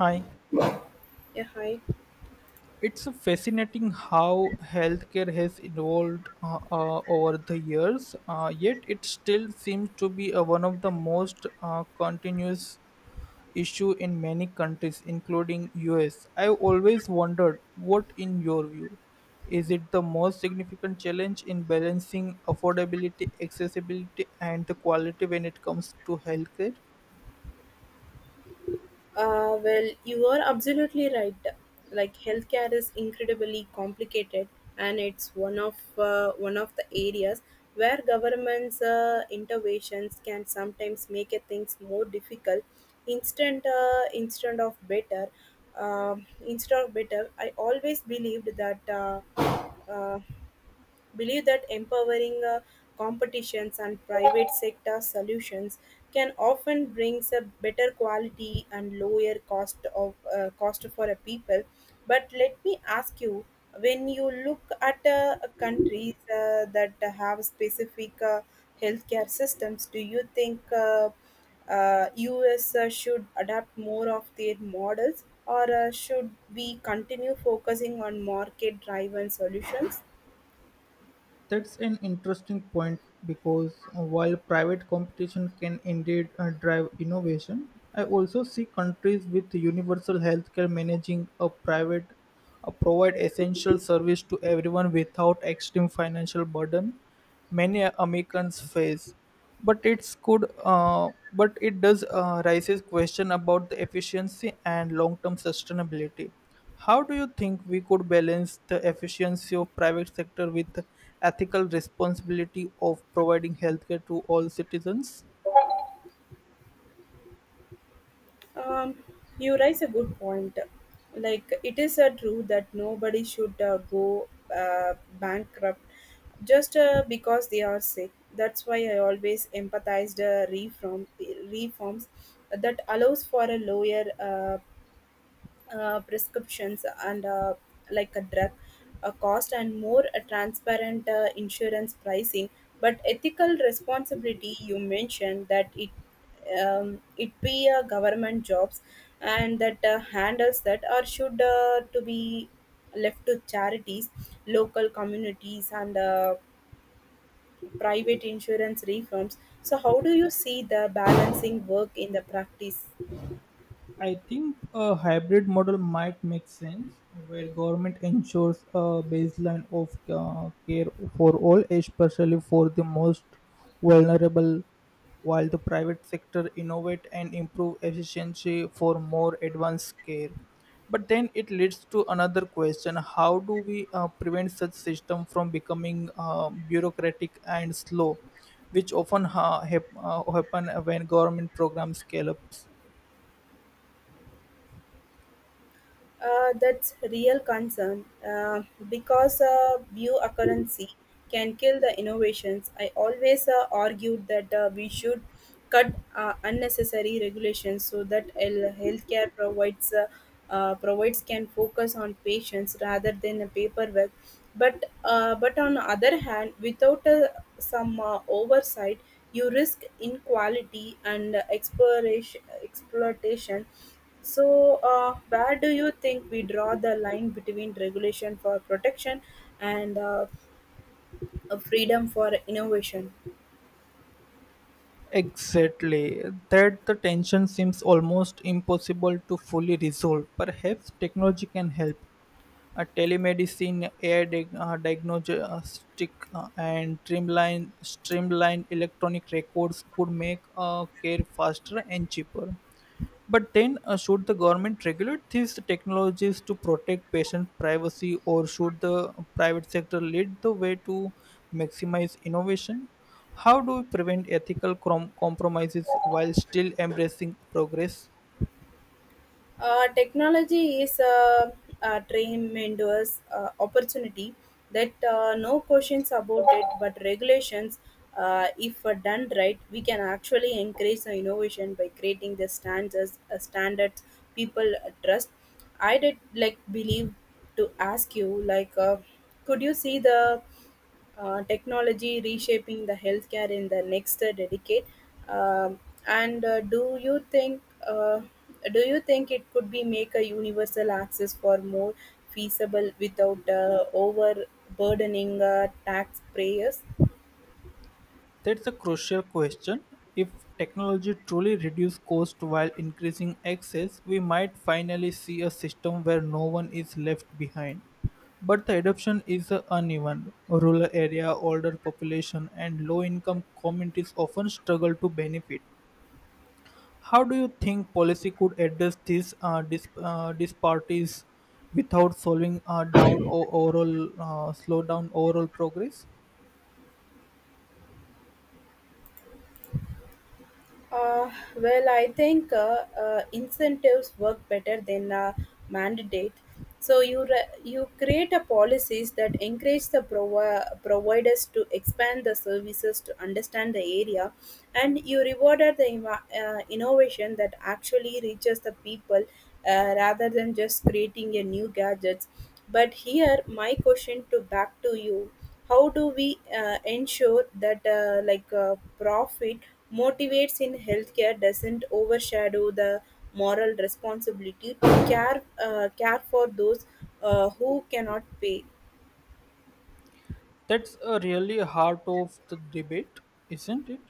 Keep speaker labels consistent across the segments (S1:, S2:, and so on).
S1: Hi.
S2: Yeah, hi.
S1: It's fascinating how healthcare has evolved over the years, yet it still seems to be one of the most continuous issue in many countries, including US. I've always wondered what, in your view, is it the most significant challenge in balancing affordability, accessibility, and the quality when it comes to healthcare?
S2: Well, you are absolutely right. Like, healthcare is incredibly complicated, and it's one of the areas where government's interventions can sometimes make it things more difficult. Instead of better, instead of better. I always believed that. Uh, Believe that empowering competitions and private sector solutions can often brings a better quality and lower cost of cost for a people. But let me ask you, when you look at countries that have specific healthcare systems, do you think us should adapt more of their models, or should we continue focusing on market driven solutions?
S1: That's an interesting point because while private competition can indeed drive innovation, I also see countries with universal healthcare managing a private provide essential service to everyone without extreme financial burden many Americans face. But but it does raises question about the efficiency and long-term sustainability. How do you think we could balance the efficiency of private sector with the ethical responsibility of providing healthcare to all citizens?
S2: Um, you raise a good point. Like, it is true that nobody should go bankrupt just because they are sick. That's why I always empathized reforms that allows for a lower prescriptions and like a drug a cost, and more a transparent insurance pricing. But ethical responsibility, you mentioned that. It be a government jobs and that handles that, or should to be left to charities, local communities, and private insurance reforms? So how do you see the balancing work in the practice?
S1: I think a hybrid model might make sense where government ensures a baseline of care for all, especially for the most vulnerable, while the private sector innovate and improve efficiency for more advanced care. But then it leads to another question: How do we prevent such system from becoming bureaucratic and slow, which often happen when government programs scale up?
S2: That's real concern, because bureaucracy can kill the innovations. I always argued that we should cut unnecessary regulations, so that healthcare provides can focus on patients rather than a paperwork. But on the other hand, without some oversight, you risk inequality and exploration exploitation. So, where do you think we draw the line between regulation for protection and freedom for innovation?
S1: Exactly. That the tension seems almost impossible to fully resolve. Perhaps technology can help. A telemedicine, AI diagnostic, and streamlined electronic records could make care faster and cheaper. But then, should the government regulate these technologies to protect patient privacy, or should the private sector lead the way to maximize innovation? How do we prevent ethical compromises while still embracing progress?
S2: Technology is a tremendous opportunity, that no questions about it. But regulations, if done right, we can actually encourage the innovation by creating the standards people trust. I did like believe to ask you, could you see the technology reshaping the healthcare in the next decade? Um, and uh, do you think it could be make a universal access for more feasible without overburdening taxpayers?
S1: That's a crucial question. If technology truly reduces cost while increasing access, we might finally see a system where no one is left behind. But the adoption is uneven. Rural area, older population, and low income communities often struggle to benefit. How do you think policy could address these disparities without slowing down or overall slow down overall progress?
S2: Uh, well, I think incentives work better than a mandate. So you create a policies that encourage the providers to expand the services to understand the area, and you rewarded the innovation that actually reaches the people, rather than just creating a new gadgets. But here, my question to back to you: how do we ensure that profit motivates in healthcare doesn't overshadow the moral responsibility to care for those who cannot pay?
S1: That's a really heart of the debate, isn't it?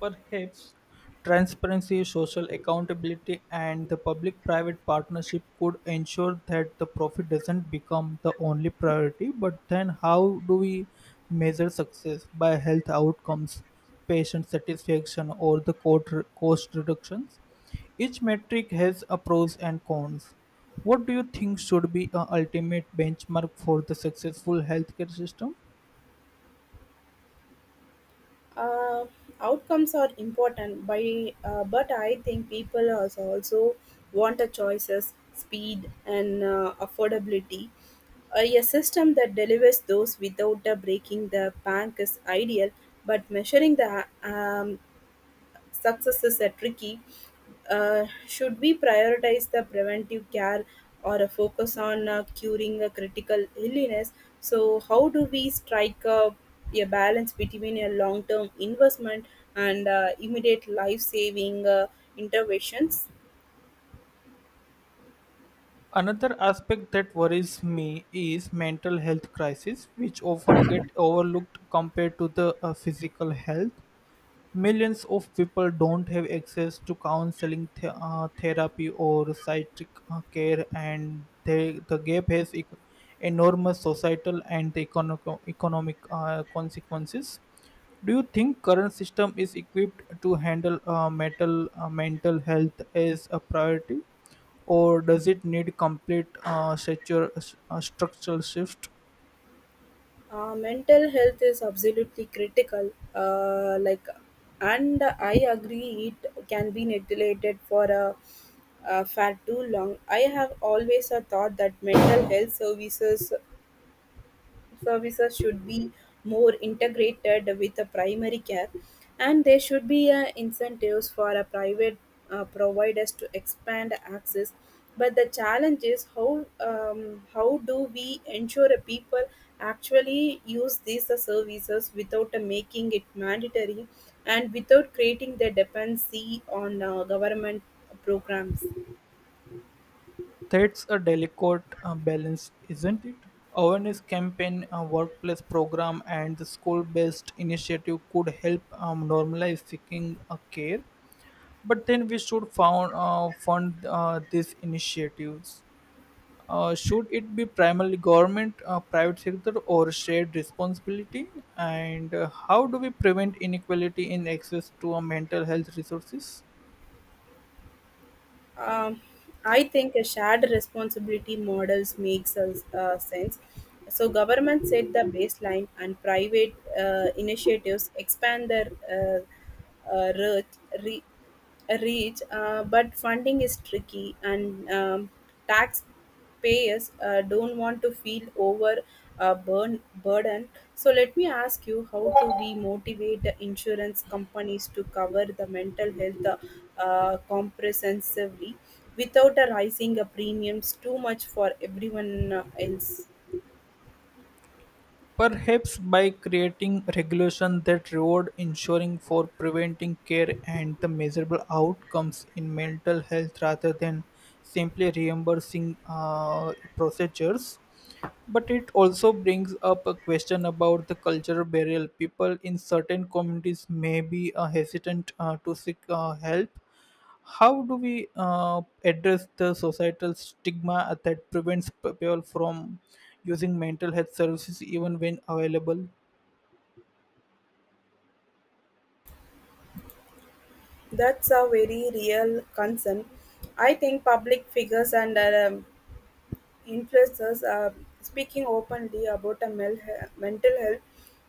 S1: Perhaps transparency, social accountability, and the public private partnership could ensure that the profit doesn't become the only priority. But then, how do we measure success by health outcomes, patient satisfaction, or the cost reductions? Each metric has a pros and cons. What do you think should be a ultimate benchmark for the successful healthcare system?
S2: Uh, Outcomes are important, but I think people also want a choices, speed, and affordability. A system that delivers those without breaking the bank is ideal, but measuring the successes are tricky. Uh, should we prioritize the preventive care, or a focus on curing a critical illness? So, how do we strike a balance between a long term investment and immediate life saving interventions?
S1: Another aspect that worries me is mental health crisis, which often get overlooked compared to the physical health. Millions of people don't have access to counseling, therapy, or psychiatric care, and they, the gap has ec- enormous societal and economic consequences. Do you think current system is equipped to handle mental health as a priority, or does it need complete structural shift?
S2: Mental health is absolutely critical. Like, and I agree it can be neglected for a far too long. I have always a thought that mental health services should be more integrated with the primary care, and there should be incentives for a private providers to expand access. But the challenge is how, how do we ensure a people actually use these services without making it mandatory and without creating the dependency on government programs?
S1: That's a delicate balance, isn't it? Awareness campaign, a workplace program, and the school-based initiative could help normalize seeking care. But then we should fund these initiatives. Should it be primarily government, private sector, or shared responsibility? And how do we prevent inequality in access to mental health resources?
S2: Um, I think a shared responsibility models makes us, sense. So government set the baseline, and private initiatives expand their reach. re- reach, but funding is tricky, and tax payers don't want to feel over burden. So let me ask you, how do we motivate the insurance companies to cover the mental health comprehensively without rising the premiums too much for everyone else?
S1: Perhaps by creating regulation that reward insuring for preventing care and the measurable outcomes in mental health rather than simply reimbursing procedures. But it also brings up a question about the cultural barrier. People in certain communities may be hesitant to seek help. How do we address the societal stigma that prevents people from using mental health services even when available?
S2: That's a very real concern. I think public figures and influencers speaking openly about mental health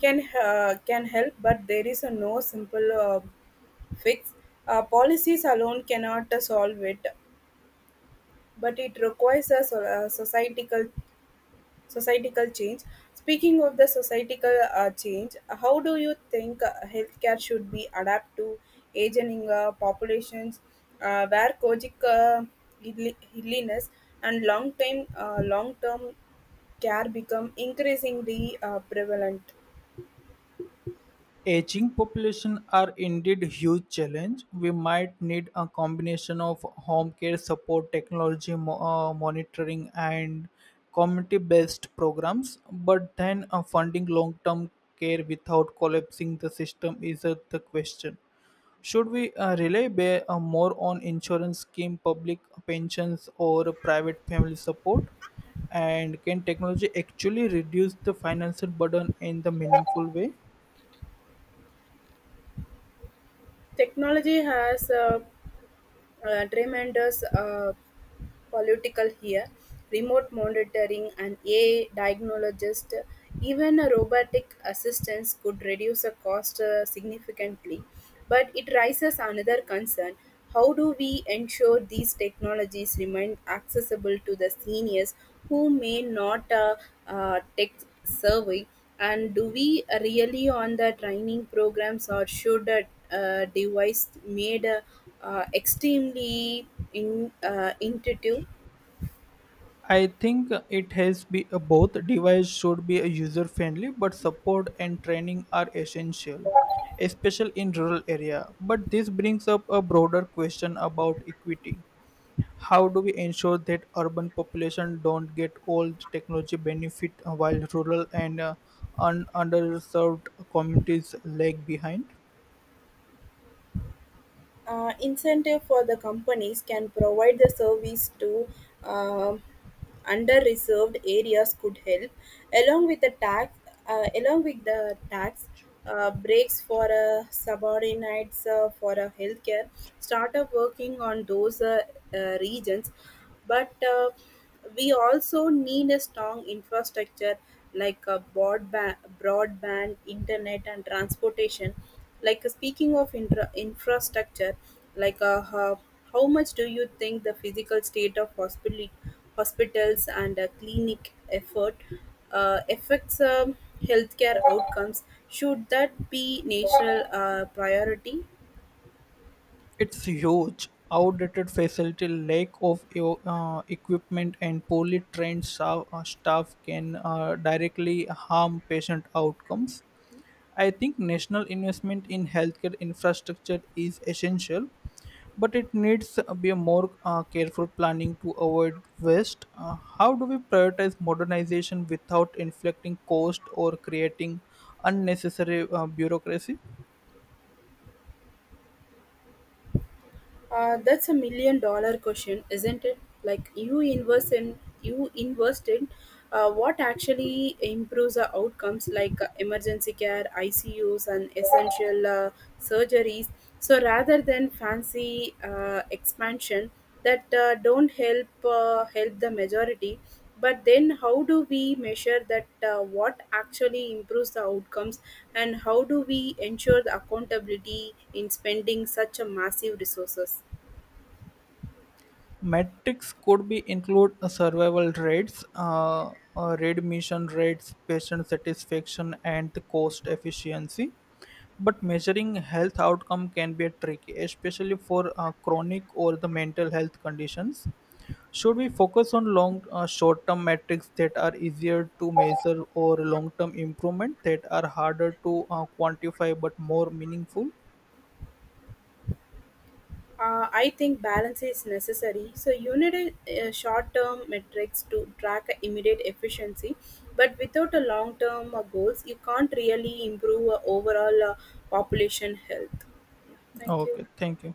S2: can help, but there is a no simple fix. Uh, policies alone cannot solve it, but it requires a societal change. Speaking of the societal change, how do you think healthcare should be adapt to aging populations where chronic illness and long term care become increasingly prevalent?
S1: Aging population are indeed huge challenge. We might need a combination of home care support, technology monitoring, and community-based programs. But then, funding long-term care without collapsing the system is the question. Should we more on insurance scheme, public pensions, or private family support? And can technology actually reduce the financial burden in the meaningful way?
S2: Technology has tremendous political here: remote monitoring, and AI diagnologist, even a robotic assistance could reduce the cost significantly. But it raises another concern. How do we ensure these technologies remain accessible to the seniors who may not tech savvy, and do we really on the training programs, or should a device made extremely intuitive?
S1: I think it has be both device should be user friendly, but support and training are essential, especially in rural area. But this brings up a broader question about equity. How do we ensure that urban population don't get all the technology benefit while rural and underserved communities lag behind?
S2: Uh, incentive for the companies can provide the service to uh, under-reserved areas could help, along with the tax, along with the tax breaks for subordinates for a healthcare startup working on those regions. But we also need a strong infrastructure, like a broadband internet, and transportation. Speaking of infrastructure, like uh, how, how much do you think the physical state of hospitals and clinic effort affects healthcare outcomes? Should that be national priority?
S1: It's huge. Outdated facility, lack of equipment, and poorly trained staff can directly harm patient outcomes. I think national investment in healthcare infrastructure is essential, but it needs to be a more careful planning to avoid waste. How do we prioritize modernization without inflicting cost or creating unnecessary bureaucracy?
S2: That's a million dollar question, isn't it? Like, you invest in what actually improves the outcomes, like emergency care, ICUs, and essential surgeries. So rather than fancy expansion, that don't help the majority. But then how do we measure that what actually improves the outcomes, and how do we ensure the accountability in spending such a massive resources?
S1: Metrics could be include survival rates, readmission rates, patient satisfaction, and the cost efficiency. But measuring health outcome can be a tricky, especially for chronic or the mental health conditions. Should we focus on short-term metrics that are easier to measure, or long-term improvement that are harder to quantify but more meaningful?
S2: I think balance is necessary. So you need a short-term metrics to track immediate efficiency, but without a long-term goals you can't really improve overall population health. Yeah, thank you.
S1: Okay, thank you.